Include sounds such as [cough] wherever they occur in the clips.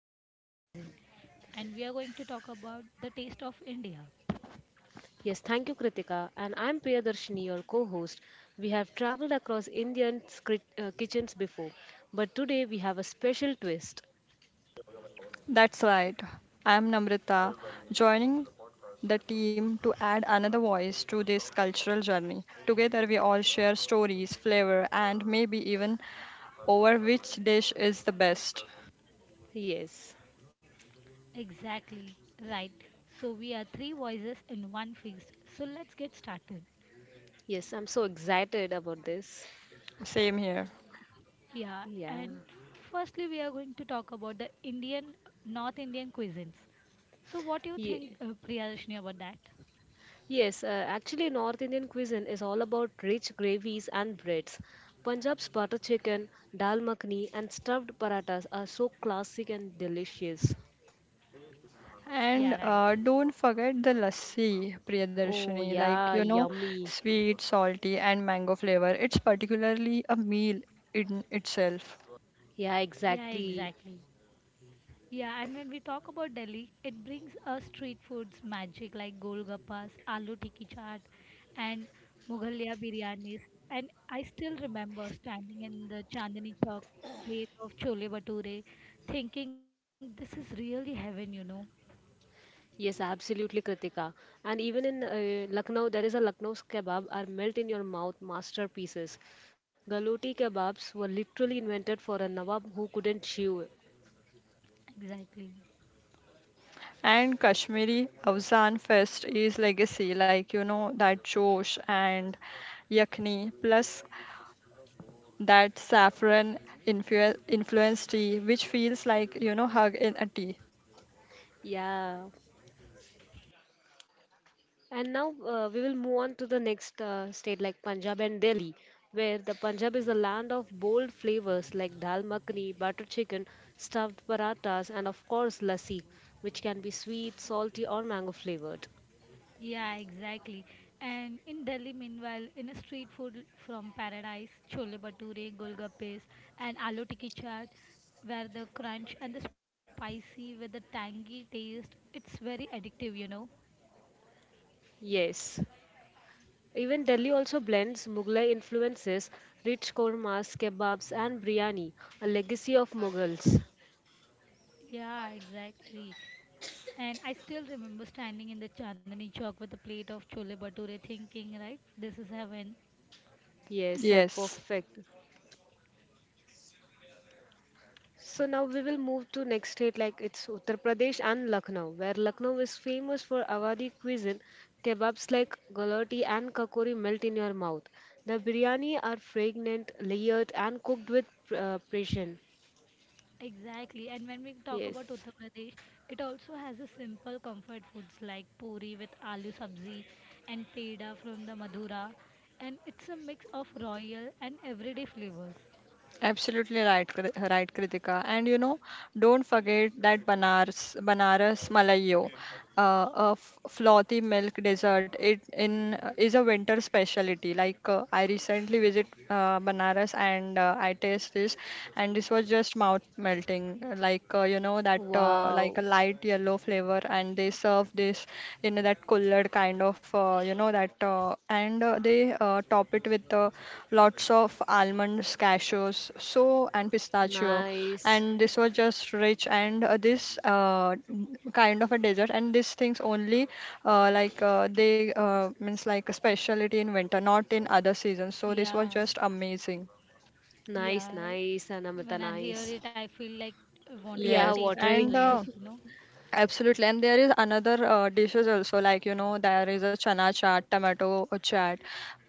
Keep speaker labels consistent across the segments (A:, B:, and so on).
A: of Indian cuisine, and we are going to talk about the taste of India.
B: Yes, thank you, Kritika. And I'm Priyadarshini, your co host. We have traveled across Indian kitchens before, but today we have a special twist.
C: That's right. I'm Namrita, joining the team to add another voice to this cultural journey. Together, we all share stories, flavor, and maybe even over which dish is the best.
B: Yes,
A: Exactly, right. So we are three voices in one feast. So let's get started.
B: yes, I'm so excited about this.
C: Same here.
A: Yeah,
B: Yeah.
A: and firstly we are going to talk about the Indian North Indian cuisines. So what do you think
B: Ye-
A: Priyadarshini about that?
B: Yes, actually, North Indian cuisine is all about rich gravies and breads. Punjab's butter chicken, dal makhani, and stuffed paratas are so classic and delicious.
C: And
A: Yeah, right.
C: don't forget the lassi,
B: Oh,
C: Priyadarshini. Like, you
B: yeah,
C: know,
B: yummy.
C: sweet, salty, and mango flavor. It's particularly a meal in itself.
B: Yeah,
A: Yeah,
B: exactly.
A: exactly. Yeah, and when we talk about Delhi, it brings us street foods magic like golgappas, aloo tikki chaat, and Mughaliya biryanis. And I still remember standing in the Chandni Chowk plate of chole bhature, thinking this is really heaven, you know.
B: Yes, absolutely, Kritika. And even in Lucknow, there is a Lucknow's kebab are melt in your mouth masterpieces. Galoti kebabs were literally invented for a Nawab who couldn't chew.
A: Exactly.
C: And Kashmiri Avzan Fest is legacy, like you know, that Josh and Yakni, plus that saffron influenced tea, which feels like you know, hug in a tea.
B: Yeah. And now we will move on to the next state like Punjab and Delhi, where the Punjab is the land of bold flavors like dal makhani, butter chicken, stuffed parathas, and of course lassi, which can be sweet, salty, or mango flavored.
A: Yeah, exactly. And in Delhi, meanwhile, in a street food from paradise, chole bhature, golgappes, and aloo tikki chaat, where the crunch and the spicy with the tangy taste, it's very addictive, you know.
B: Yes. Even Delhi also blends Mughlai influences, rich kormas, kebabs, and biryani, a legacy of Mughals.
A: Yeah, exactly. And I still remember standing in the Chandani Chowk with a plate of chole bhature, thinking, right, this is heaven.
B: Yes,
C: Yes.
B: perfect. So now we will move to next state like it's Uttar Pradesh and Lucknow, where Lucknow is famous for Awadhi cuisine. Kebabs like galati and kakori melt in your mouth. The biryani are fragrant, layered, and cooked with precision.
A: Exactly, and when we talk about
B: Yes.
A: Uttar Pradesh, it also has a simple comfort foods like puri with aloo sabzi and peda from the Madura, and it's a mix of royal and everyday flavors.
C: Absolutely right, right, Kritika. And you know, don't forget that Banaras Malayo, a frothy milk dessert. It in is a winter specialty. Like I recently visit Banaras and I taste this, and this was just mouth melting. Like you know that
B: Wow.
C: like a light yellow flavor, and they serve this in that colored kind of you know that, and they top it with the lots of almonds, cashews, so and pistachio,
B: Nice.
C: and this was just rich and this kind of a dessert. And these things only like they means like a specialty in winter, not in other seasons. So this was
A: Yeah,
C: just amazing.
B: Nice,
A: yeah.
B: nice,
A: When
B: Anamrita,
A: I hear
B: nice.
A: it, I feel like I wanted to
B: Yeah,
C: Yes,
A: taste it in
C: and
B: watering.
A: real, you
B: [laughs]
A: know?
C: Absolutely, and there is another dishes also like you know there is a chana chaat, tomato chaat,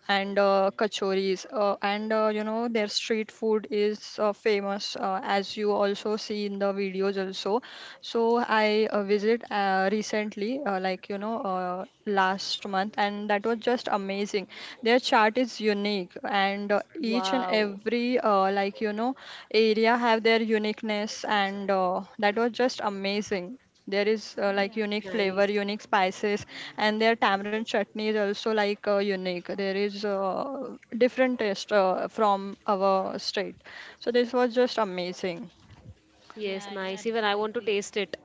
C: and kachoris. And you know their street food is famous as you also see in the videos also. So I visit recently, like you know last month, and that was just amazing. Their chaat is unique, and each and
B: Wow.
C: every like you know area have their uniqueness and that was just amazing. There is like
A: Yeah,
C: unique flavor,
B: Nice.
C: unique spices, and their tamarind chutney is also like unique. There is different taste from our state, so this was just amazing.
B: Yes,
A: yeah,
B: nice. Even I want to
A: absolutely.
B: taste it.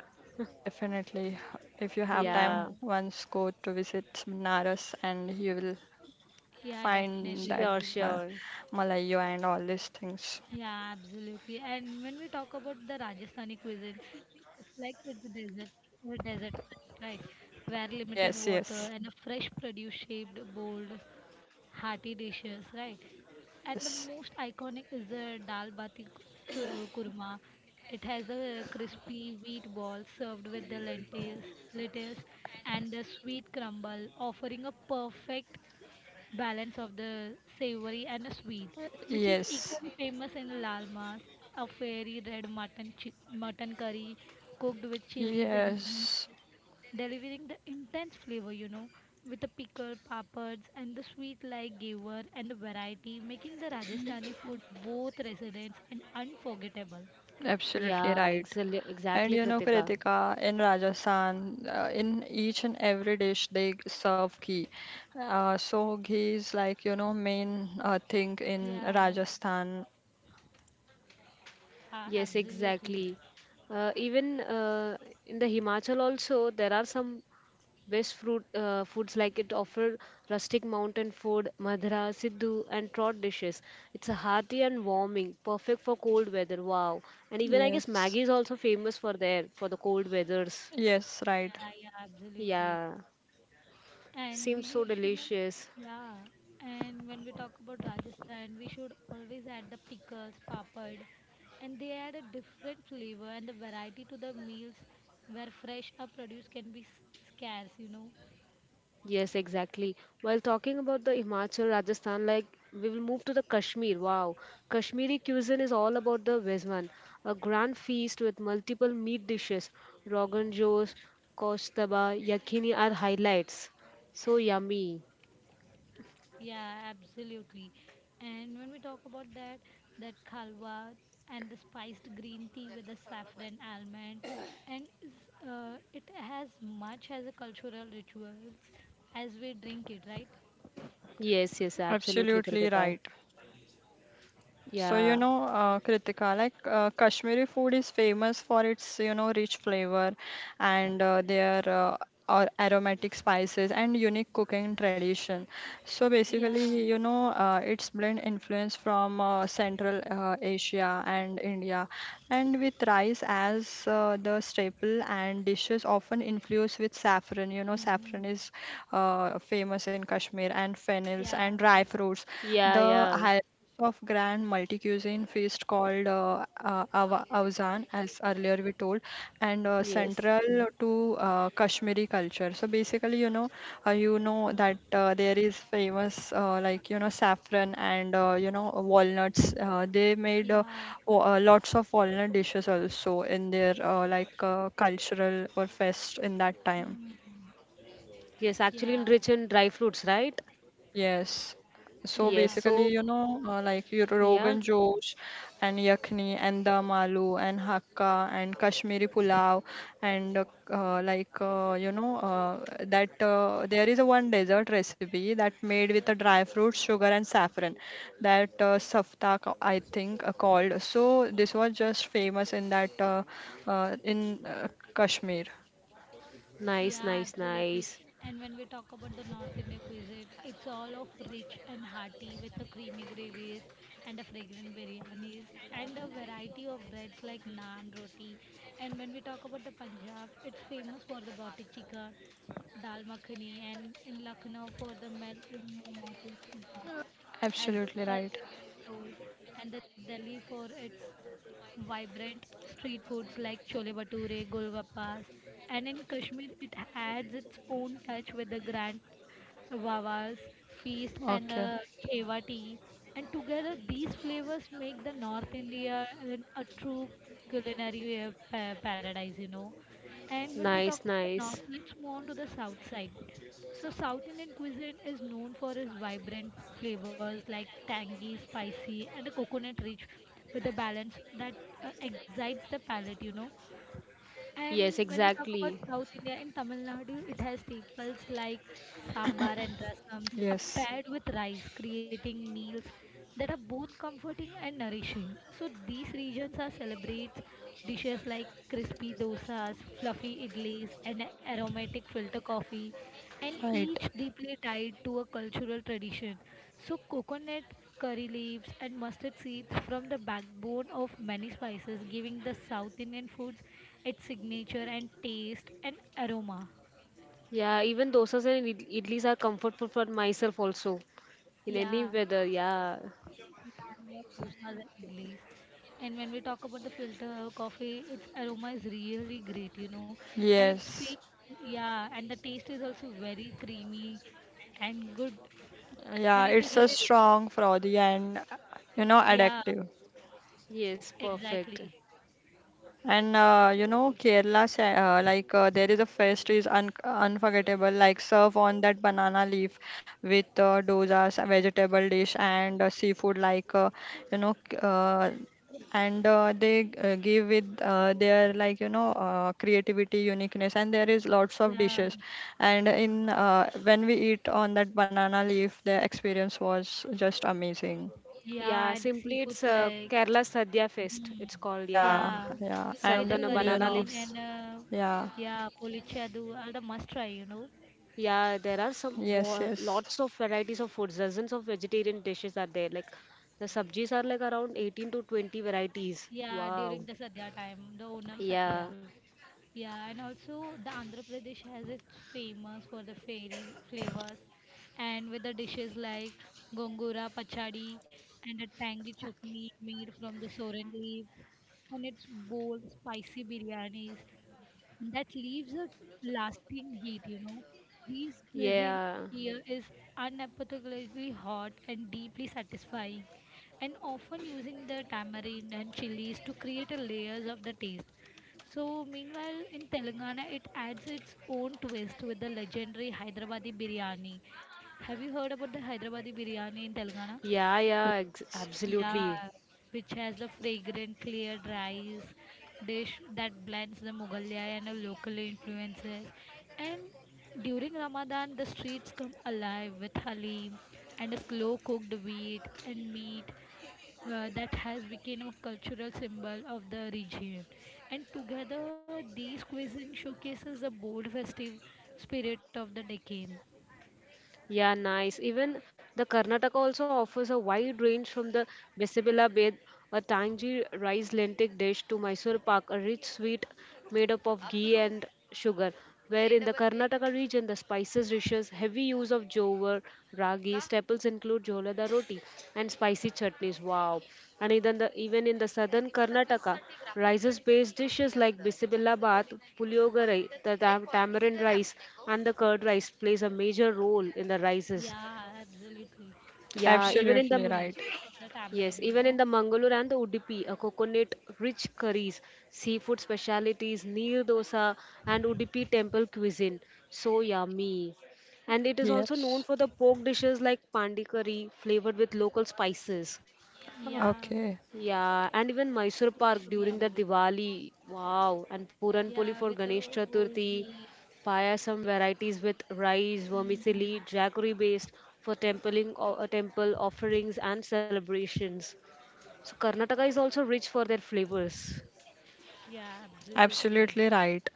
C: Definitely, if you have time,
A: Yeah,
B: Yeah.
C: once go to visit Banaras and you will
A: yeah,
C: find
A: definitely we
C: that
B: Sure,
A: will.
C: uh,
B: sure.
C: Malayu and all these things.
A: Yeah, absolutely. And when we talk about the Rajasthani cuisine, it's like it's a desert climate, right? Where limited
C: Yes,
A: water
C: yes,
A: and a fresh produce shaped bold, hearty dishes, right? And the
C: yes,
A: most iconic is the dal bati churma kurma. It has a crispy wheat ball served with the lentils, lettuce, and the sweet crumble, offering a perfect balance of the savory and the sweet, which is
C: yes.
A: equally famous in Lalmas, a fairy red mutton curry cooked with chilies and ghee,
C: Yes,
A: delivering the intense flavor, you know, with the pickle, papads, and the sweet like giver and the variety, making the Rajasthani food both residents and unforgettable.
C: absolutely
B: Yeah,
C: right.
B: exactly,
C: And
B: exactly,
C: you know,
B: Kritika.
C: Kritika, in Rajasthan, in each and every dish they serve ghee. So ghee is like, you know, main thing in
A: Yeah,
C: Rajasthan.
A: yeah
B: Yes,
A: absolutely.
B: exactly. Even in the Himachal also, there are some best fruit foods like it offer rustic mountain food, madhra, siddhu, and trot dishes. It's a hearty and warming, perfect for cold weather. Wow! And even I guess
C: Yes,
B: Maggi is also famous for there for the cold weathers.
C: yes, right.
A: Yeah, yeah, absolutely.
B: Yeah,
A: And
B: seems
A: we
B: so
A: should not,
B: delicious.
A: yeah. And when we talk about Rajasthan, we should always add the pickles, papad, and they add a different flavor and the variety to the meals where fresh or produce can be scarce, you know.
B: Yes, exactly. While talking about the Himachal, Rajasthan, like we will move to the Kashmir. Wow, Kashmiri cuisine is all about the Vezwan, a grand feast with multiple meat dishes. Rogan Josh, Kostaba, Yakini are highlights. So yummy.
A: Yeah, absolutely. And when we talk about that, that khalwa and the spiced green tea with the saffron almond, and it has much as a cultural rituals as we drink it, right?
B: Yes, yes, absolutely,
C: Absolutely
B: Kritika.
C: right. So, you
B: Yeah,
C: know, Kritika, like Kashmiri food is famous for its, you know, rich flavor and their aromatic spices and unique cooking tradition. So
A: Yeah.
C: basically, you know, it's blend influence from Central Asia and India, and with rice as the staple and dishes often influence with saffron. You know, saffron
A: Mhm.
C: is famous in Kashmir and fennels
A: Yeah,
C: and dry
A: absolutely.
C: fruits.
B: yeah,
C: The
B: yeah.
C: hy- of grand multi-cuisine feast called Awzan, as earlier we told, and
B: Yes,
C: central to Kashmiri culture. So basically, you know that there is famous like you know saffron and you know walnuts. They made
A: Yeah.
C: lots of walnut dishes also in their like cultural or fest in that time.
A: Mhm.
B: yes, actually
A: Yeah.
B: enriched in dry fruits, right?
C: Yes. So
A: Yeah.
B: Yes,
C: basically,
B: so
C: you know, like your
B: yeah.
C: Rogan Josh and Yakni and Dam Aloo and Hakka and Kashmiri Pulao and like you know that there is a one dessert recipe that made with a dry fruit, sugar and saffron, that safta I think called. So this was just famous in that in Kashmir.
B: Nice,
A: Yeah,
B: nice,
A: absolutely.
B: nice.
A: And when we talk about the North India cuisines, it's all of rich and hearty with a creamy gravies and a fragrant biryanis and a variety of breads like naan, roti. And when we talk about the Punjab, it's famous for the butter chicken, dal makhani, and in Lucknow for the melt in the north as
C: Absolutely right.
A: earlier Priya told, and the Delhi for its vibrant street foods like chole bhature, golgappas, and in Kashmir it adds its own touch with the grand Wawa's feast and
C: Okay.
A: the Khewa tea. And together these flavors make the North India a true culinary paradise, you know. And when we talk
B: Nice,
A: about the north,
B: nice.
A: let's move on to the south side. So, South Indian cuisine is known for its vibrant flavors like tangy, spicy, and a coconut rich with a balance that excites the palate, you know.
B: Yes,
A: And when we talk about
B: exactly.
A: South India in Tamil Nadu, it has staples like sambar and rasams are
C: Yes.
A: paired with rice, creating meals that are both comforting and nourishing. So, these regions are celebrates dishes like crispy dosas, fluffy idlis, and aromatic filter coffee and
C: Right.
A: each deeply tied to a cultural tradition. So, coconut curry leaves and mustard seeds from the backbone of many spices, giving the South Indian foods its signature and taste and aroma.
B: Yeah, even dosas and idlis are comfort food for myself also. In any
A: Yeah,
B: weather, yeah.
A: yeah, I love dosas and idlis. And when we talk about the filter coffee, its aroma is really great, you know, and it speaks.
C: Yes.
A: Yeah, and the taste is also very creamy and good,
C: Yeah,
A: and it is
C: it's a
A: very refreshing.
C: strong, frothy and you know
A: Yeah,
C: addictive.
B: Yes, perfect.
A: exactly.
C: And you know, Kerala, like there is a fest is unforgettable, like serve on that banana leaf with dozas, a vegetable dish, and seafood, like you know, k- and they give with their like you know creativity, uniqueness, and there is lots of
A: Yeah,
C: dishes. And in when we eat on that banana leaf, the experience was just amazing.
B: Yeah,
A: yeah, and
B: simply it's
A: seafoods
B: uh,
A: like,
B: Kerala Sadhya Fest.
A: mm,
B: It's called, yeah.
C: Yeah,
A: yeah,
C: yeah,
A: with the
B: Served
C: and
B: on a
A: curry
C: you
B: banana
A: mean
C: know,
A: and
B: leaves.
A: uh,
C: yeah,
A: yeah, polichadu are the must try, you know.
B: Yeah, there are some
C: yes, yes.
B: lots of varieties of foods. Dozens of vegetarian dishes are there. Like the sabjis are like around 18 to 20 varieties.
A: Yeah,
B: Wow.
A: during the Sadhya time, the Onam
B: Yeah.
A: Sadhya. Yeah, and also the Andhra Pradesh has its famous for the fairy flavors and with the dishes like gongura, pachadi, and a tangy chutney made from the soran leaves, and its bold, spicy biryanis. And that leaves a lasting heat, you know. These cuisine
B: Yeah.
A: here is unapologetically hot and deeply satisfying, and often using the tamarind and chilies to create a layers of the taste. So, meanwhile, in Telangana, it adds its own twist with the legendary Hyderabadi biryani. Have you heard about the Hyderabadi biryani in Telangana?
B: Yeah, yeah,
C: Yes,
B: absolutely.
A: Yeah, which has a fragrant, clear, rice dish that blends the Mughalaya and the local influences. And during Ramadan, the streets come alive with halim and a slow cooked wheat and meat that has become a cultural symbol of the region. And together, these cuisine showcases a bold, festive spirit of the Deccan.
B: Yeah, nice. Even the Karnataka also offers a wide range from the Besebela bed, a tangy rice lentil dish, to Mysore pak, a rich sweet made up of ghee and sugar. Where in the Karnataka region, the spices dishes, heavy use of jowar ragi. Staples include jhola da roti and spicy chutneys. Wow! And even in the southern Karnataka, rices-based dishes like bisibilla bath, puliyogare, the tamarind rice, and the curd rice plays a major role in the rices.
A: Yeah, absolutely.
B: Yeah,
A: It has
B: even in
A: the
C: absolutely
B: the
A: great
C: right.
A: taste of the
B: Yes,
A: tamarind,
B: even
A: you
B: in the
A: know.
B: Mangalore and the Udupi, a coconut-rich curries, seafood specialities, neer dosa, and Udupi temple cuisine. So yummy. And it is also known
C: Yes.
B: for the pork dishes like pandi curry, flavored with local spices.
A: Yeah,
C: Okay.
B: Yeah, and even Mysore Park
A: seems to be
B: during the
A: yummy.
B: Diwali. Wow, and Puran Poli for
A: Yeah, with
B: Ganesh
A: a whole
B: Chaturthi.
A: ghee.
B: Payasam varieties with rice, vermicelli,
A: Hmm.
B: jaggery based for templing or temple offerings and celebrations. So Karnataka is also rich for their flavors.
A: Yeah,
C: Absolutely
A: absolutely.
C: right.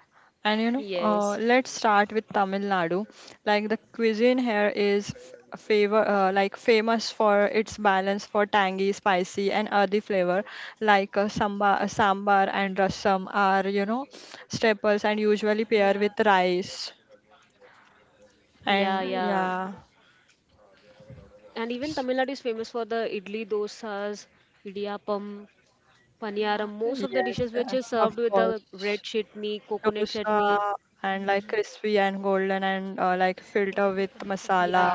C: And you know,
B: Yes.
C: let's start with Tamil Nadu. Like the cuisine here is like famous for its balance for tangy, spicy, and earthy flavor. Like sambar and rasam are you know staples and usually
A: Yeah,
C: pair with rice.
B: Yeah,
C: And
B: yeah.
A: absolutely.
C: yeah,
A: Yeah.
B: And even Tamil Nadu is famous for the idli dosas, idiyappam, paniyaram.
A: Yeah.
B: Most of the
C: yes,
B: dishes
A: Also
B: which is
C: of
B: served with
A: tapam.
B: the
C: course.
B: red chutney, coconut
C: Dosa
B: chutney.
C: and like
A: Hmm.
C: crispy and golden
A: With the
C: and
A: coconut
C: like
A: chutney
B: Yeah.
C: filter
A: also.
C: with masala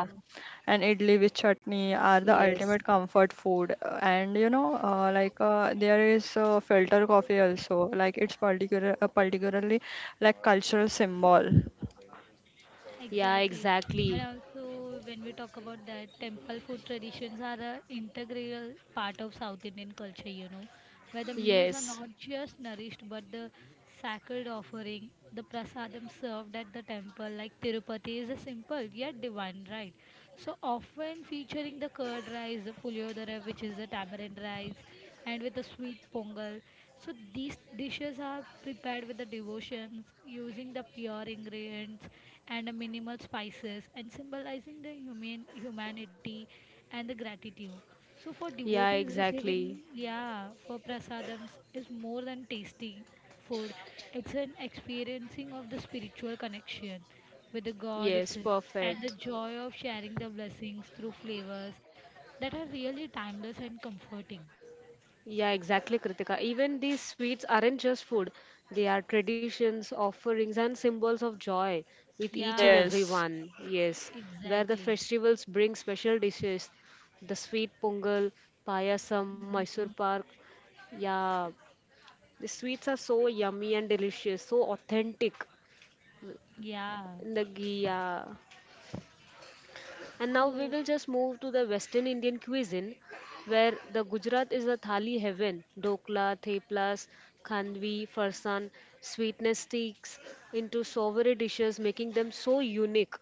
C: and idli with chutney
B: Yes.
C: are the ultimate comfort food. And you know like there is filter coffee also, like it's particularly like cultural symbol.
B: Yeah,
A: Exactly.
B: exactly.
A: And also, when we talk about that, temple food traditions are a integral part of South Indian culture, you know, where the meals
B: Yes.
A: are not just nourished but the sacred offering, the prasadam served at the temple, like Tirupati, is a simple yet divine right? So often featuring the curd rice, the puliodara, which is a tamarind rice, and with the sweet pongal. So these dishes are prepared with the devotions, using the pure ingredients and the minimal spices, and symbolizing the humanity and the gratitude. So for
B: Yeah,
A: devotees
B: exactly.
A: receiving, yeah, for prasadams is more than tasty food. It's an experiencing of the spiritual connection with the God
B: Yes,
A: itself and the
B: perfect.
A: joy of sharing the blessings through flavors that are really timeless and comforting.
B: Yeah, exactly, Kritika. Even these sweets aren't just food, they are traditions, offerings, and symbols of joy with each
A: Yeah,
B: and every
C: Yes,
B: one. Yes, where the
A: exactly.
B: festivals bring special dishes, the sweet pongal, payasam, Mysore
A: Mhm.
B: pak. Yeah, the sweets are so yummy and delicious, so authentic.
A: Yeah.
B: The ghee, yeah. And now we
A: So,
B: will just move to the Western Indian cuisine, where the Gujarat is a thali heaven. Dokla, theplas, khandvi, farsan, sweetness sticks into savory dishes, making them so unique.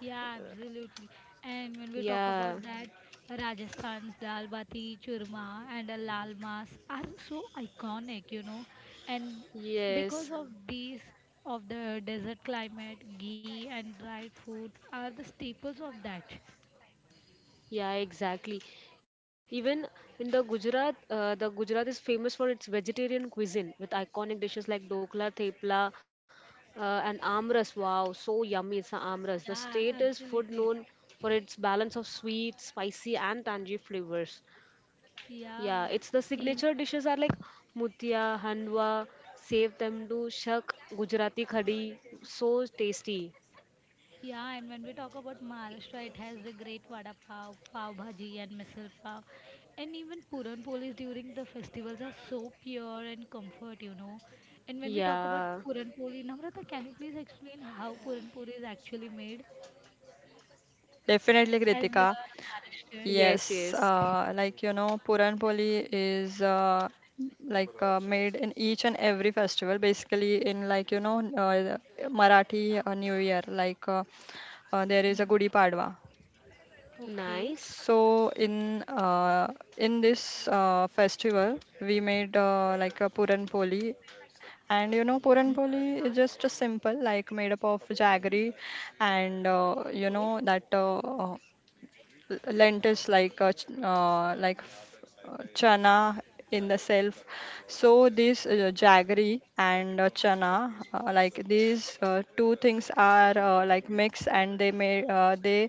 A: yeah, absolutely. And when we talk about
B: Yeah,
A: that, Rajasthan's dal bati, churma, and a lal mas are so iconic, you know. And because of
B: yes.
A: these, of the desert climate, ghee and dried foods are the staples of that.
B: Yeah, exactly. Even in the Gujarat, the Gujarat is famous for its vegetarian cuisine with iconic dishes like dokla, thepla, and amras. Wow, so yummy is the
A: Yeah,
B: amras. The state is
A: absolutely.
B: food known for its balance of sweet, spicy, and tangy flavors.
A: Yeah.
B: Yeah, it's the
A: In
B: signature dishes are like mutia, handwa, sev temdu, shak, Gujarati khadi. So tasty.
A: yeah, and when we talk about Maharashtra, it has the great vada pav, pav bhaji, and misal pav. And even Puran Polis during the festivals are so pure and comfort, you know. And when we talk about
B: Yeah.
A: Puran Poli, Namrata, can you please explain how Puran Poli is actually made?
C: definitely,
A: As you
C: Kritika.
A: are Maharashtrian.
B: Yes,
C: Yes,
B: yes.
C: like you know, Puran Poli is like made in each and every festival, basically in like you know Marathi New Year, like there is a
A: Mm.
C: Gudi Padwa.
A: Okay,
B: Nice.
C: So in this festival, we made like a Puran Poli, and you know Puran Poli is just a simple like made up of jaggery, and you
A: okay.
C: know that lentils like chana in the self. So this jaggery and chana, like these two things are like mix and they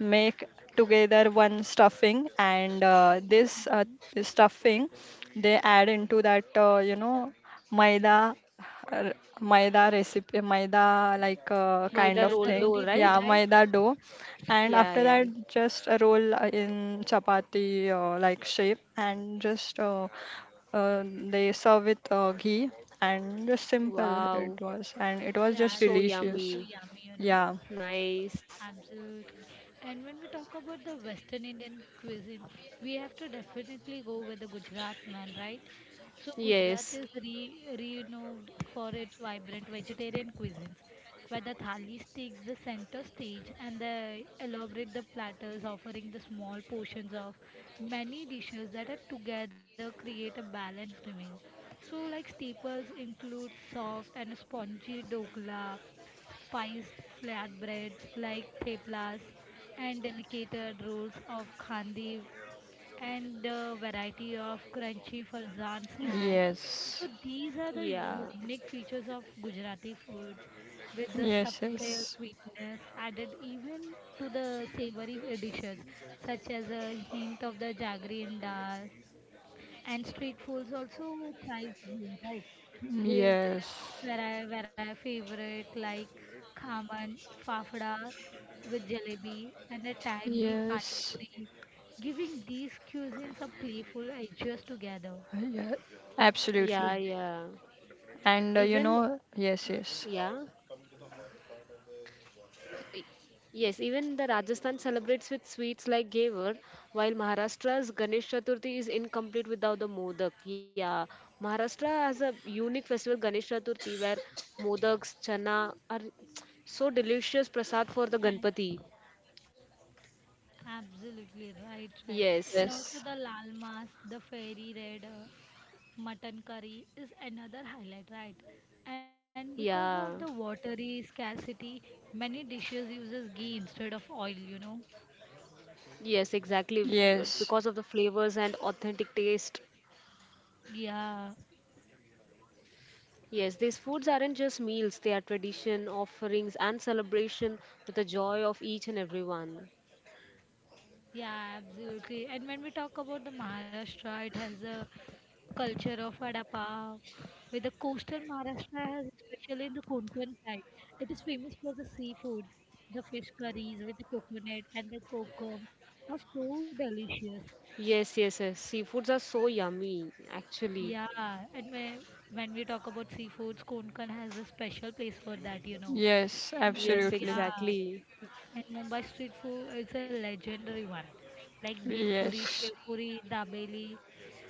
C: make together one stuffing, and this stuffing they add into that you know maida, r- maida recipe maida like kind
B: Maida
C: of
A: Yeah,
B: roll
A: the
C: thing.
B: dough,
A: roti dough,
B: right?
C: Yeah,
A: right?
C: maida dough, and
B: Yeah,
C: after
B: yeah.
C: that, just a roll in chapati like shape, and just they serve with ghee, and just simple it
B: Wow,
C: was. And it was
A: Yeah,
C: just
B: so
A: that seems
C: delicious.
A: so
B: yummy.
A: yummy, you know.
C: Yeah.
B: Nice.
A: Absolutely. And when we talk about the Western Indian cuisine, we have to definitely go with the Gujarat one, right? So Gujarat
B: Yes.
A: is re renowned for its vibrant vegetarian cuisines, where the thalis takes the center stage and the elaborate the platters offering the small portions of many dishes that are together create a balanced meal. So like staples include soft and spongy dokla, spiced flatbreads like theplas and delicate rolls of khandi and a variety of crunchy farzan snacks. So
C: Yes.
A: these are the
B: Yeah.
A: unique features of Gujarati foods with the
C: Yes,
A: subtle
C: yes.
A: sweetness added even to the savory dishes such as a hint of the jaggery and dal and street foods also thrive here, right? Where
C: Yes.
A: where I favorite like khaman, fafda with jalebi and a tangy pani
C: Yes.
A: puri, giving these cuisines a playful edges together.
C: Yeah, absolutely.
B: Yeah, yeah.
C: And you
B: Even
C: know, yes, yes,
B: yeah. I- Yes, even the Rajasthan celebrates with sweets like Gavar, while Maharashtra's Ganesh Chaturthi is incomplete without the Modak. Yeah. Maharashtra has a unique festival Ganesh Chaturthi where Modaks, Chana are so delicious prasad for the Ganpati.
A: Absolutely right, right.
B: Yes.
A: And also
C: yes,
A: the lal mas, the fairy red mutton curry is another highlight, right? And because
B: Yeah.
A: of the watery scarcity, many dishes uses ghee instead of oil, you know.
B: Yes, exactly. Because of the
C: yes,
B: flavors and authentic taste.
A: Yeah,
B: Yes, these foods aren't just meals, they are tradition, offerings, and celebration with the joy of each and everyone.
A: yeah, absolutely. And when we talk about the Maharashtra, it has a culture of vada pav. With the coastal Maharashtra has, especially in the Konkan side, it is famous for the seafood, the fish curries with the coconut and the kokum are so delicious.
B: Yes, yes, yes. Seafoods are so yummy, actually.
A: Yeah, and when we talk about seafoods, Konkan has a special place for that, you know.
C: yes,
B: Yes,
A: And
C: absolutely.
A: yeah,
B: exactly.
A: and Mumbai street food is a legendary one, like bhelpuri,
C: Yes.
A: shevpuri, dabeli.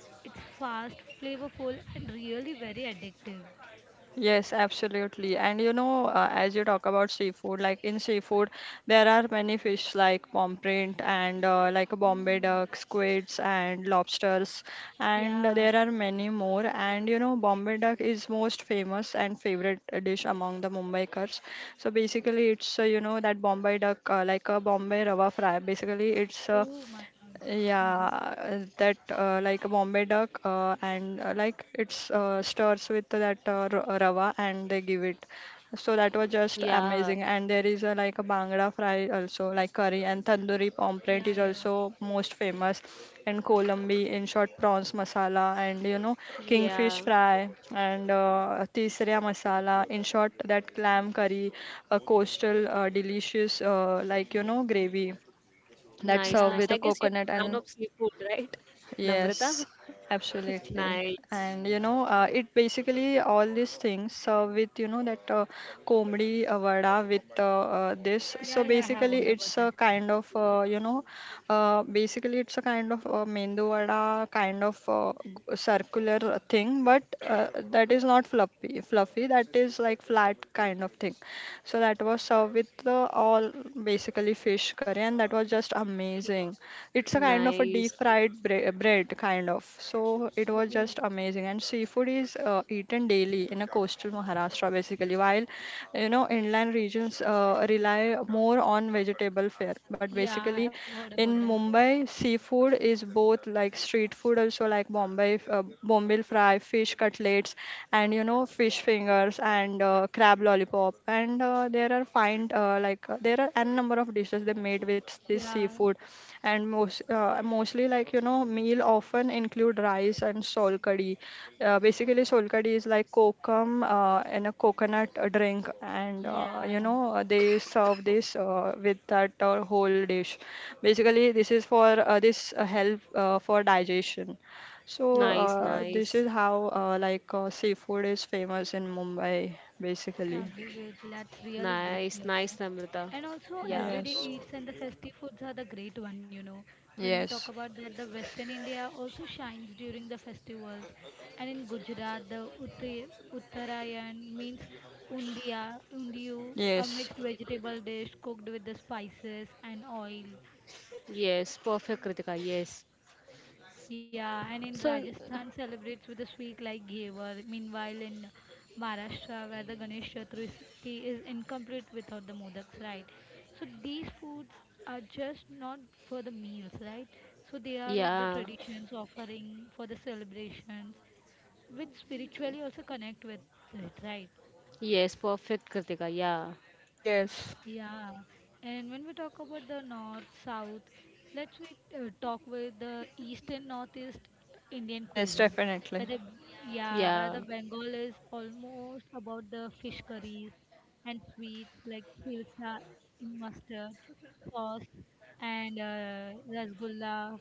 A: It's fast, flavorful, and really very addictive.
C: Yes, absolutely. And you know, as you talk about seafood, like in seafood, there are many fish like pomfret and like Bombay
A: Mm,
C: duck, squids, and lobsters, and
A: yeah.
C: there are many more. And you know, Bombay duck is most famous and favorite dish among the Mumbaikars. So basically, it's you know that Bombay duck, like a Bombay rava fry. Basically, it's
A: Oh my God.
C: yeah,
A: Mhm.
C: that like a Bombay duck, and like it's stirs with that rava, and they give it. So that was just
B: Yeah,
C: amazing. And there is a, like a Bangla fry also, like curry and tandoori omelette is
A: Yeah, yeah,
C: also most famous. And Colombi, in short, prawns masala, and you know
B: yeah.
C: kingfish fry, and tisriya masala, in short, that clam curry, a coastal delicious like you know gravy that's
B: Nice,
C: served
A: yeah,
B: nice.
C: with
B: I
C: a
B: guess you're
C: coconut
B: a fan
C: and
B: of seafood, right?
C: yes,
B: Namrata? [laughs]
C: absolutely.
B: Nice,
C: And you know, it basically all these things with you know that comedy vada with this. So
A: yeah, yeah. I have
C: basically,
A: heard
C: it's
A: about
C: a
A: that.
C: kind of you know, basically it's a kind of mendu vada kind of circular thing, but that is not fluffy. Fluffy that is like flat kind of thing. So that was served with all basically fish curry, and that was just amazing.
A: Okay.
C: It's a kind of a deep
B: nice,
C: fried bread, kind of. So it was just
A: Oh,
C: amazing. And seafood is eaten daily in a coastal Maharashtra, basically, while you know inland regions rely more on vegetable fare. But
A: yeah.
C: basically,
A: I have heard about
C: in
A: that.
C: Mumbai, seafood is both like street food also, like Bombay, Bombay fry, fish cutlets, and you know fish fingers and crab lollipop. And there are fine like there are n number of dishes they made with this
A: Yeah,
C: seafood, and mostly like you know meal often include rice and sol curry. Basically, solkadi is like kokum and a coconut drink, and
A: yeah.
C: you know they serve this with that whole dish. Basically, this is for this help for digestion. So
B: nice,
A: Mm-hmm.
C: this is
B: nice,
C: how like seafood is famous in Mumbai, basically.
A: Absolutely, that's really great,
B: nice,
A: you
B: nice,
A: know.
B: Namrata.
A: And also,
B: Yeah.
A: everyday
C: Yes,
A: eats and the festive foods are the great one, you know. When we talk
C: yes,
A: about that, the Western India also shines during the festivals. And in Gujarat, the Uttarayan means undiyu, a
C: yes,
A: mixed vegetable dish cooked with the spices and oil.
B: Yes, perfect, Kritika. Yes.
A: Yeah, and in
B: So,
A: Rajasthan celebrates with a sweet like Ghevar. Meanwhile, in Maharashtra, where the Ganesh Chaturthi is incomplete without the modaks, right? So these foods are just not for the meals, right? So they are of the
B: yeah.
A: traditions, offering for the celebrations, which spiritually also connect with it, right?
B: Yes, perfect, Kritika. Yeah.
C: yes,
A: Yeah, and when we talk about the north south, let's we talk with the east and northeast Indian
C: yes,
A: cuisine. Where
C: definitely.
A: the yeah, where
B: Yeah.
A: the Bengal is almost about the fish curries and sweets like hilsa in mustard sauce and rasgulla,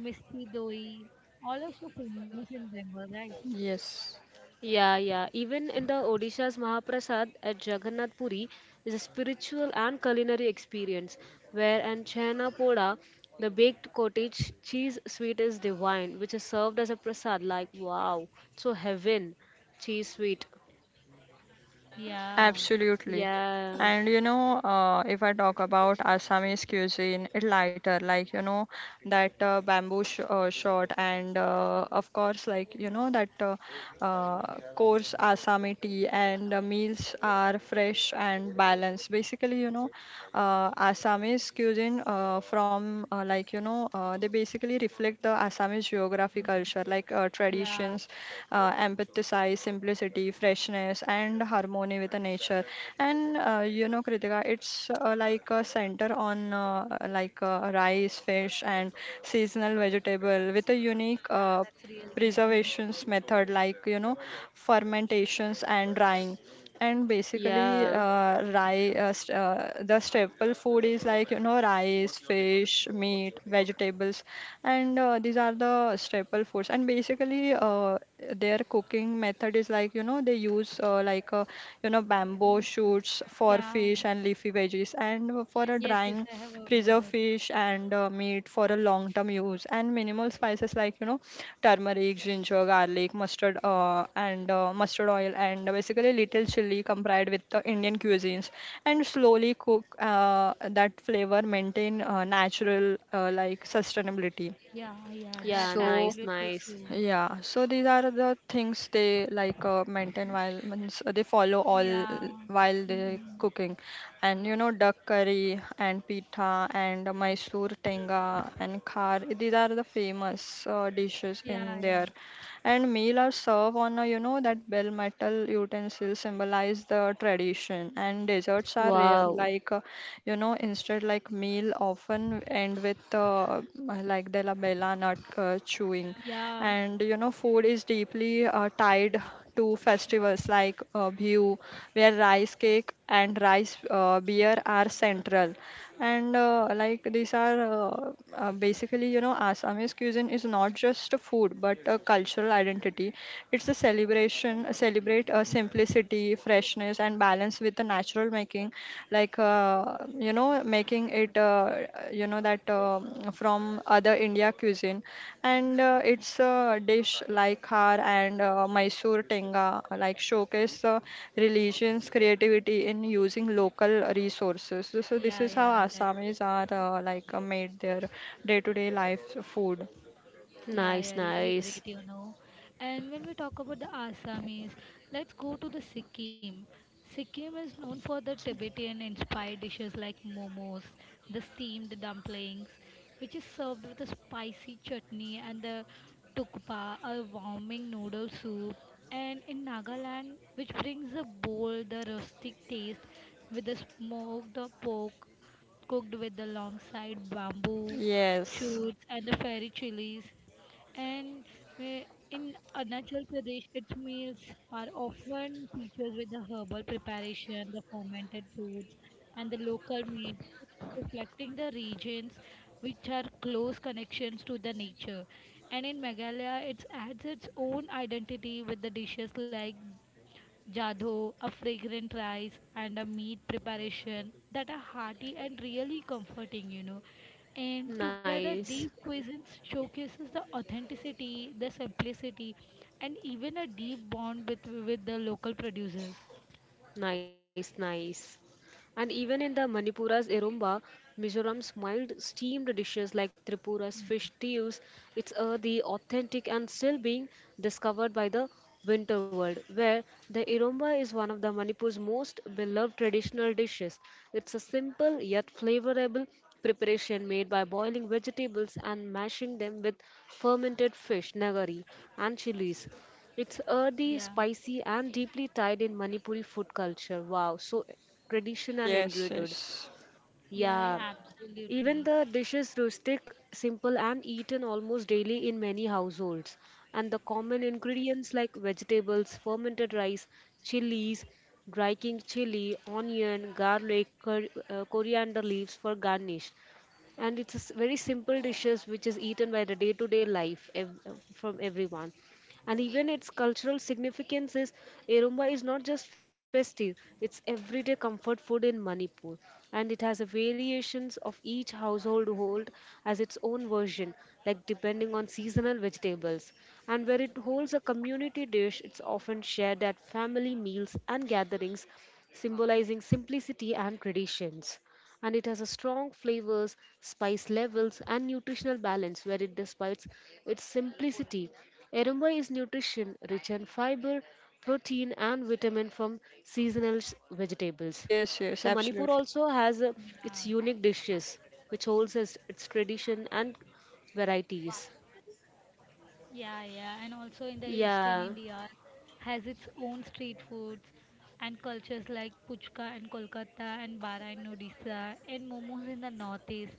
A: misti doi, all are so famous in Bengal, right?
C: Yes.
B: Yeah, yeah. Even in the Odisha's Mahaprasad at Jagannath Puri is a spiritual and culinary experience where an chhena poda, the baked cottage cheese sweet is divine, which is served as a prasad. Like, wow, so heaven, cheese sweet.
A: Yeah,
C: Absolutely.
B: Yeah,
C: And you know, if I talk about Assamese cuisine, it lighter, like you know, that bamboo sh shot, and of course, like you know, that coarse Assami tea, and the meals are fresh and balanced. Basically, you know, Assamese cuisine from like you know they basically reflect the Assamese geography
A: yeah,
C: culture like
A: yeah.
C: traditions, empathize, simplicity, freshness, and harmony with the nature. And you know, Kritika, it's like a center on like rice, fish, and seasonal vegetable with a unique
A: That's really great, you know.
C: preservations method like you know fermentations and drying, and basically
B: yeah,
C: the staple food is like you know rice, fish, meat, vegetables, and these are the staple foods, and basically their cooking method is like you know they use like you know bamboo shoots for
A: Yeah.
C: fish and leafy veggies, and for a
A: Yes, yes,
C: drying
A: I have heard about
C: preserve
A: that.
C: fish and meat for a long term use, and minimal spices like you know turmeric, ginger, garlic, mustard, and mustard oil, and basically little chili compared with the Indian cuisines, and slowly cook that flavor, maintain natural like sustainability.
A: Yeah, yeah,
B: yeah,
A: that's
C: So
B: nice,
A: absolutely
B: nice.
A: true.
C: yeah, so these are the things they like maintain while means they follow all
A: Yeah.
C: while they
A: Mm.
C: cooking, and you know duck curry and pita and Mysore tenga and khar. These are the famous dishes
A: Yeah,
C: in
A: yeah.
C: there, and meal are served on a, you know, that bell metal utensil symbolize the tradition, and desserts are rare.
B: Wow,
C: You know, instead like meal often end with like della bella nut chewing,
A: Yeah,
C: and you know food is deeply tied to festivals like Bihu, where rice cake and rice beer are central, and like these are basically you know Assamese cuisine is not just a food but a cultural identity. It's a celebration, celebrate a simplicity, freshness, and balance with the natural making, like you know, making it you know that from other India cuisine, and it's a dish like har and Mysore tenga, like showcase the religions creativity in using local resources. So, so
A: yeah,
C: this is
A: yeah,
C: how
A: that's
C: Assamese are like made their day-to-day life food.
A: yeah,
B: nice,
A: really great,
B: nice.
A: you know. And when we talk about the Assamese, let's go to the Sikkim. Sikkim is known for the Tibetan inspired dishes like momos, the steamed dumplings, which is served with a spicy chutney, and the tukpa, a warming noodle soup. And in Nagaland, which brings a bold, the rustic taste with the smoked pork cooked with the long side bamboo
C: Yes,
A: shoots and the fairy chilies and in Arunachal Pradesh, its meals are often featured with the herbal preparation, the fermented foods, and the local meats, which are reflecting the regions which are close connections to the nature. And in Meghalaya, it adds its own identity with the dishes like Jadho, a fragrant rice, and a meat preparation that are hearty and really comforting. And together,
B: Nice,
A: these cuisines showcases the authenticity, the simplicity, and even a deep bond with the local producers.
B: nice, nice. And even in the Manipura's Erumba, Mizoram's mild steamed dishes like Tripura's fish stews, it's the authentic and still being discovered by the winter world, where the Erumba is one of the Manipur's most beloved traditional dishes. It's a simple yet flavorable preparation made by boiling vegetables and mashing them with fermented fish, nagari, and chilies. It's earthy,
A: Yeah,
B: spicy, and deeply tied in Manipuri food culture. Wow, so tradition and
C: yes,
B: enrooted.
C: yes.
A: yeah,
B: Yeah,
A: yeah, absolutely.
B: even the dish is rustic, simple, and eaten almost daily in many households. And the common ingredients like vegetables, fermented rice, chilies, dry king chili, onion, garlic, coriander leaves for garnish, and it's a very simple dishes which is eaten by the day to day life from everyone. And even its cultural significance is arumba is not just festive, it's everyday comfort food in Manipur, and it has a variations of each household hold as its own version, like depending on seasonal vegetables, and where it holds a community dish, it's often shared at family meals and gatherings, symbolizing simplicity and traditions, and it has a strong flavors, spice levels, and nutritional balance where it despites its simplicity. Erumba is nutrition rich in fiber, protein, and vitamin from seasonal vegetables.
C: Yes, yes,
B: So Manipur
C: absolutely.
B: also has
A: Yeah.
B: its unique dishes, which holds its tradition and varieties.
A: Yeah, yeah, and also in the Eastern
B: Yeah,
A: India has its own street foods and cultures like puchka in Kolkata and bara in Odisha and momos in the northeast.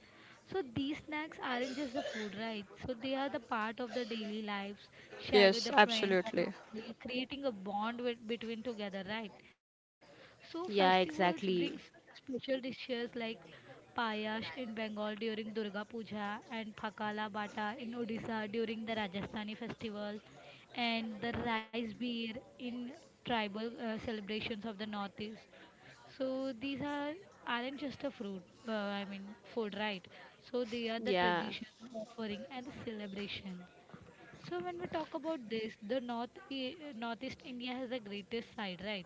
A: So these snacks aren't just the food, right? So they are the part of the daily lives shared with the
C: Yes,
A: friends and
C: absolutely.
A: family, creating a bond with, between together, right? So
B: yeah,
A: festivals brings
B: exactly.
A: special dishes like Payash in Bengal during Durga Puja and Phakala Bata in Odisha during the Rajasthani festival and the rice beer in tribal celebrations of the northeast. So these are aren't just a fruit, I mean food, right? So they are the
B: Yeah,
A: tradition, the offering, and the celebration. So when we talk about this, the northeast India has the greatest side, right?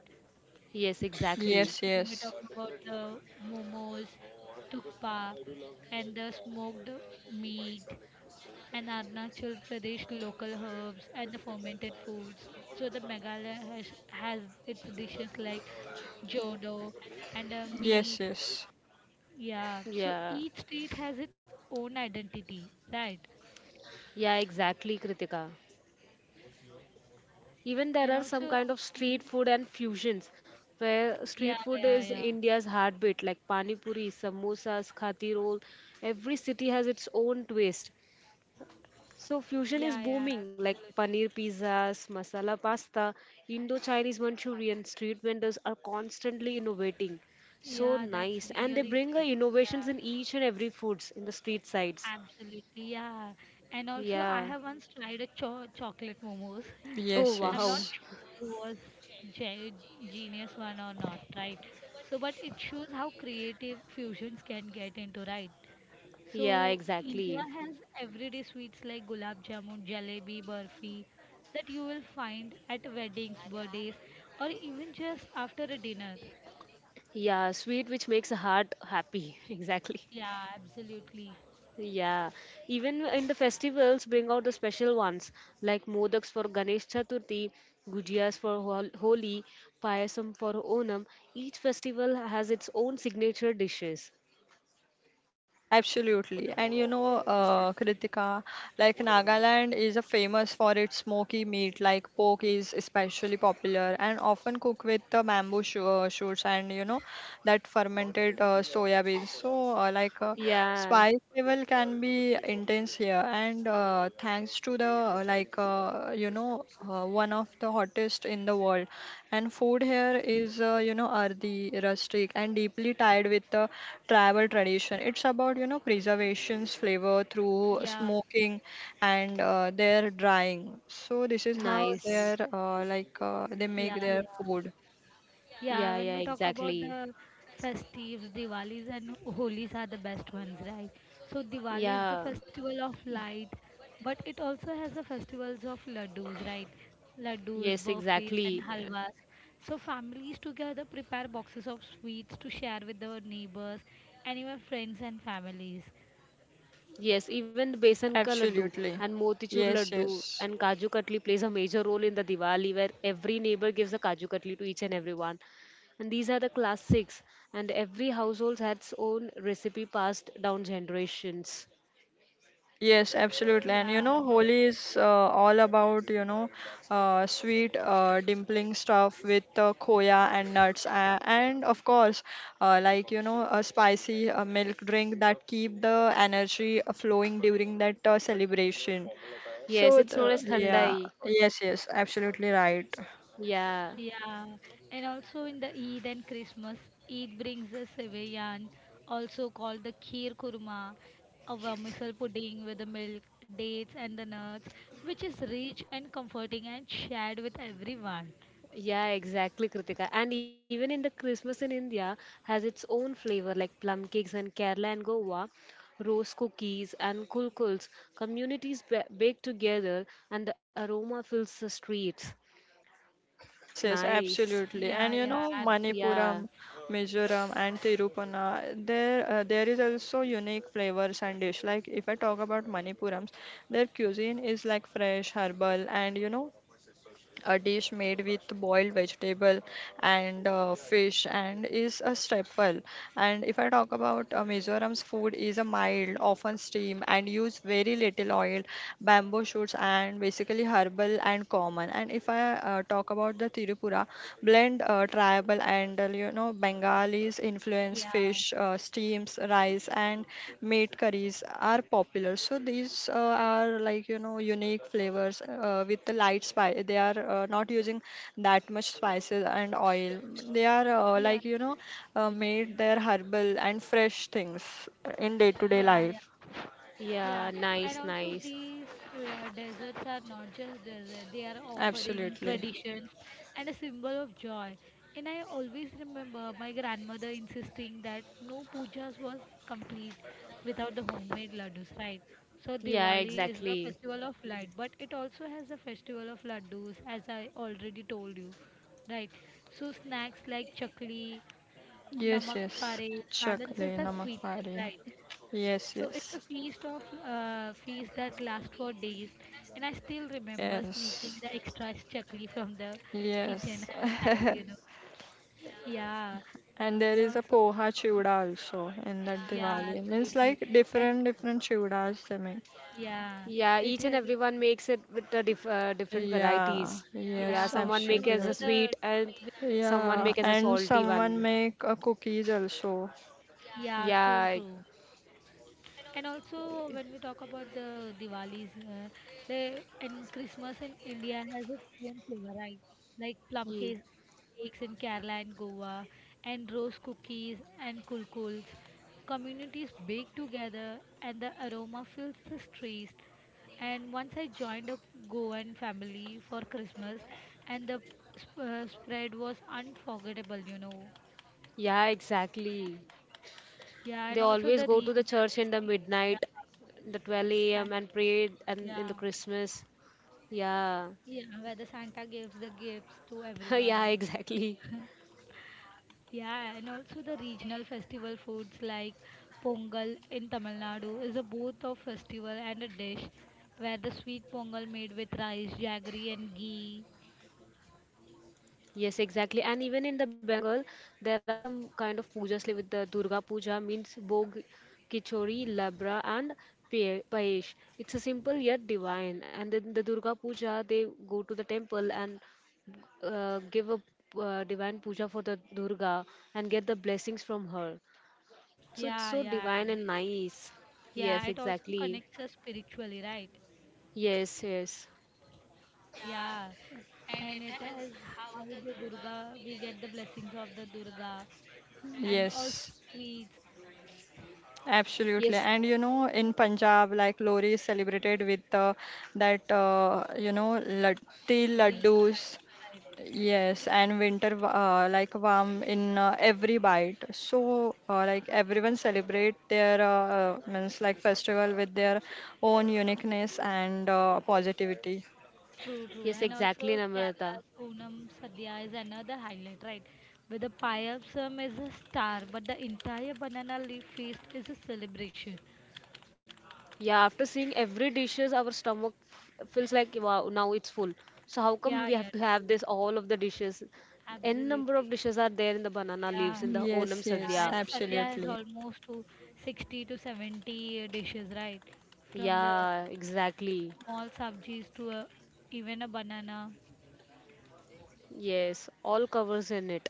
B: yes,
C: Yes,
B: exactly.
A: When we
C: yes.
A: talk about the momos, tukpa, and the smoked meat, and Arunachal Pradesh local herbs and the fermented foods. So the Meghalaya has its dishes like jodo and
C: Yes,
A: meat.
C: yes.
A: Yeah. So
B: Yeah,
A: each state has its own identity, right?
B: yeah, exactly, Kritika. Even there
A: And
B: are some
A: also,
B: kind of
A: mhm.
B: street food and fusions where
A: yeah,
B: street food
A: yeah,
B: is
A: yeah,
B: India's heartbeat, like pani puri, samosas, khati roll. Every city has its own twist. So fusion is
A: yeah,
B: booming, like
A: absolutely.
B: paneer pizzas, masala pasta, Indo-Chinese Manchurian. Street vendors are constantly innovating. So
A: Yeah, that's
B: nice, and they
A: really
B: bring
A: great. Yeah,
B: innovations in each and every foods in the street sides.
A: absolutely, yeah. And also, I
B: Yeah.
A: have once tried a chocolate momos.
B: Oh
C: Yes,
A: I'm not
B: wow.
C: yes.
A: sure if it was ge- genius one or not, right? So, but it shows how creative fusions can get into, right?
B: Yeah,
A: So, India
B: exactly.
A: has everyday sweets like gulab jamun, jalebi, burfi that you will find at weddings, birthdays, or even just after a dinner.
B: Yeah, sweet which makes the heart happy. [laughs] Exactly.
A: Yeah, absolutely.
B: Yeah, even in the festivals, bring out the special ones like modaks for Ganesh Chaturthi, gujiyas for Holi, payasam for Onam. Each festival has its own signature dishes.
C: Absolutely. And you know, Kritika, like Nagaland is a famous for its smoky meat, like pork is especially popular and often cooked with the bamboo shoots, and you know that fermented soya beans. So, like
B: Yeah,
C: spice level can be intense here, and thanks to the like you know one of the hottest in the world, and food here is you know earthy, rustic, and deeply tied with the travel tradition. It's about you know preservations, flavor through
A: Yeah,
C: smoking and their drying. So this is how
B: nice.
C: they're like they make
A: yeah,
C: their
A: yeah.
C: food.
B: Yeah,
A: Yeah,
B: yeah,
A: when we talk about
B: exactly.
A: the festives, Diwalis and Holis are the best ones, right? So Diwali is the
B: Yeah,
A: festival of light, but it also has the festivals of laddus, right? Laddus,
B: yes,
A: burfis, and
B: exactly.
A: halwas. So families together prepare boxes of sweets to share with their neighbors and even friends and families.
B: Yes, even the besan ka laddu
C: Absolutely.
B: and motichur
C: Yes,
B: laddu
C: yes.
B: and kaju katli plays a major role in the Diwali where every neighbor gives a kaju katli to each and everyone. And these are the classics and every household has its own recipe passed down generations.
C: Yes, absolutely. And you
A: Yeah.
C: know, Holi is all about, you know, sweet dimpling stuff with khoya and nuts. And of course, like, you know, a spicy milk drink that keep the energy flowing during that celebration.
B: Yes,
C: So,
B: it's known
C: the,
B: as
C: yeah,
B: thandai.
C: yes, yes, absolutely right.
B: Yeah.
A: Yeah, and also in the Eid and Christmas, Eid brings a sevayan, also called the kheer kurma, a vermicelli pudding with the milk, dates, and the nuts, which is rich and comforting and shared with everyone.
B: Yeah, exactly, Kritika. And even in the Christmas in India has its own flavor like plum cakes in Kerala and Goa, rose cookies and kulkuls. Communities bake together and the aroma fills the streets.
C: Yes, yes,
B: Nice.
C: absolutely.
A: Yeah,
C: And you
A: yeah,
C: know,
A: absolutely.
C: Manipuram,
B: Yeah.
C: Mizoram, and Tirupana, there there is also unique flavors and dish. Like if I talk about Manipurams, their cuisine is like fresh, herbal, and you know, a dish made with boiled vegetable and fish, and is a staple. And if I talk about Mizoram's food is a mild, often steam, and use very little oil, bamboo shoots, and basically herbal and common. And if I talk about the Tirupura blend tribal and you know Bengalis influence
A: Yeah,
C: fish steams rice and meat curries are popular, so these are like you know unique flavors with the light spice. They are not using that much spices and oil. They are
A: yeah,
C: like you know made their herbal and fresh things in day to day
A: yeah,
C: life.
A: Yeah,
B: Yeah,
A: and
B: nice,
A: also
B: nice.
A: these deserts are not just desert, they are offering
C: Absolutely.
A: traditions and a symbol of joy. And I always remember my grandmother insisting that no pujas was complete without the homemade laddus, right? So
B: Yeah,
A: Diwali is the
B: exactly.
A: festival of light, but it also has the festival of laddus, as I already told you, right? So snacks like chakli,
C: Yes,
A: namak
C: yes.
A: pare
C: Chakle
A: balances the sweetness,
C: namakari,
A: right?
C: yes,
A: So
C: yes.
A: it's a feast that lasts for days, and I still remember sneaking
C: Yes.
A: the extra chakli from the kitchen
C: Yes.
A: as a child. You know,
C: [laughs]
A: yeah,
C: And there
A: and
C: is a
A: also
C: poha chura also in that
A: yeah,
C: Diwali. Means
A: absolutely,
C: like
A: and
C: different different churas they make.
A: yeah,
B: Yeah,
A: it
B: each and
A: has been
B: everyone
A: made.
B: makes it with the different
C: Yeah.
B: varieties. Yeah,
C: Yes,
A: Yeah,
B: someone
A: and
B: make as a
A: also
C: absolutely.
B: sweet
A: the
B: and
A: ways are
B: someone
C: Yeah.
B: make
A: different.
B: as a
C: And
B: salty one.
C: someone make a cookies also.
A: Yeah, true,
B: Yeah.
A: true. And also, when we talk about the Diwalis, and Christmas in India has its own flavor, right? Like plum cakes in Kerala and Goa, and rose cookies and kulkuls. Communities bake together, and the aroma fills the streets. And once I joined a Goan family for Christmas, and the spread was unforgettable, you know.
B: Yeah, exactly.
A: Yeah,
B: They
A: and also
B: always
A: the
B: go to the
A: regional
B: church in the
A: festivities. Yeah,
B: midnight, the 12
A: and,
B: a.m. and pray and in
A: yeah.
B: the Christmas. Yeah.
A: Yeah, where the Santa gives the gifts to
B: [laughs] Yeah,
A: everyone.
B: exactly.
A: [laughs] Yeah, and also the regional festival foods like Pongal in Tamil Nadu is a both of festival and a dish where the sweet pongal made with rice, jaggery and ghee.
B: Yes, exactly. And even in the Bengal, there are some kind of pujas like with the Durga Puja means Bog, Kichori, Labra and Payesh. It's a simple yet divine. And then the Durga Puja, they go to the temple and give a divine puja for the Durga and get the blessings from her. So it's
A: Yeah,
B: so
A: yeah,
B: divine and
A: absolutely.
B: nice.
A: Yeah,
B: Yes,
A: it also
B: exactly.
A: connects us spiritually, right?
B: Yes, yes.
A: Yeah. And it has how the Durga we get the blessings of the Durga and also
C: Yes.
A: the sweets,
C: Absolutely.
B: Yes,
C: And you know, in Punjab, like Lori is celebrated with that, you know, latti
A: bravery kind
C: laddus.
A: of type.
C: Yes, and winter wa- like warm in every bite. So like everyone celebrate their means like festival with their own uniqueness and positivity.
A: True, true.
B: yes,
A: And
B: exactly,
A: also
B: Namrata.
A: Kerala's Onam Sadhya is another highlight, right? Where the payasam is a star, but the entire banana leaf feast is a celebration.
B: Yeah, after seeing every dishes, our stomach feels like wow, now it's full. So how
A: Yeah,
B: come we
A: yeah,
B: have to have
A: true.
B: this all of the dishes? N number of
A: Absolutely.
B: dishes are there in the banana leaves
A: Yeah.
B: in the
C: Yes,
B: Onam
A: Yeah,
C: yes,
B: Sadhya.
A: and the Sadhya is
C: absolutely.
A: almost to 60-70 dishes, right? From the
B: Yeah, exactly.
A: small sabjis to a, even a banana.
B: Yes, all covers in it.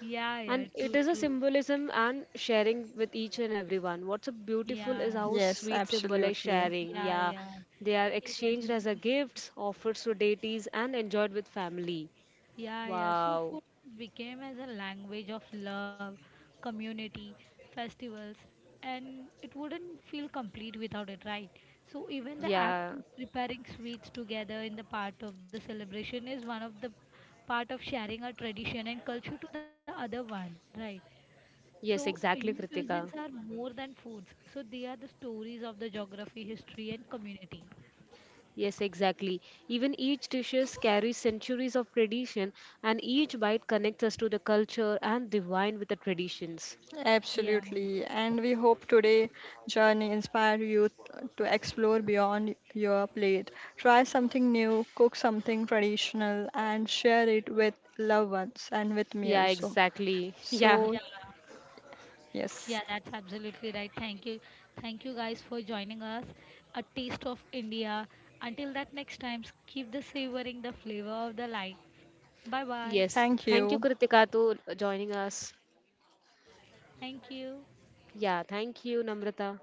A: Yeah, yeah,
B: And it
A: true,
B: is a
A: true.
B: symbolism and sharing with each and everyone. What's a beautiful
A: Yeah,
B: is how
C: Yes,
B: sweet symbolize
C: absolutely.
B: sharing.
A: yeah,
B: Yeah,
A: yeah.
B: they are exchanged
A: Even
B: as a gifts, offered to deities, and enjoyed with family.
A: yeah, yeah. So
B: Wow.
A: food became as a language of love, community, festivals, and it wouldn't feel complete without it, right? So even the
B: Yeah.
A: act of preparing sweets together in the part of the celebration is one of the part of sharing our tradition and culture to the other one, right?
B: Yes,
A: So
B: exactly,
A: Indian
B: Kritika.
A: cuisines are more than foods. So they are the stories of the geography, history, and community.
B: Yes, exactly. Even each dishes carries centuries of tradition, and each bite connects us to the culture and the wine with the traditions.
A: Yeah,
C: Absolutely. And we hope today journey inspire you to explore beyond your plate. Try something new, cook something traditional, and share it with loved ones and with me
B: Yeah,
C: also.
B: exactly. [laughs] Yeah.
C: So,
A: yeah. Yeah,
C: yes.
A: that's absolutely right. Thank you. Thank you guys for joining us. A taste of India. Until that next time, keep the savoring the flavor of the life. Bye bye.
B: Yes.
C: Thank
B: Thank you,
C: you.
B: Kritika, to joining us.
A: Thank you.
B: Yeah, thank you, Namrata.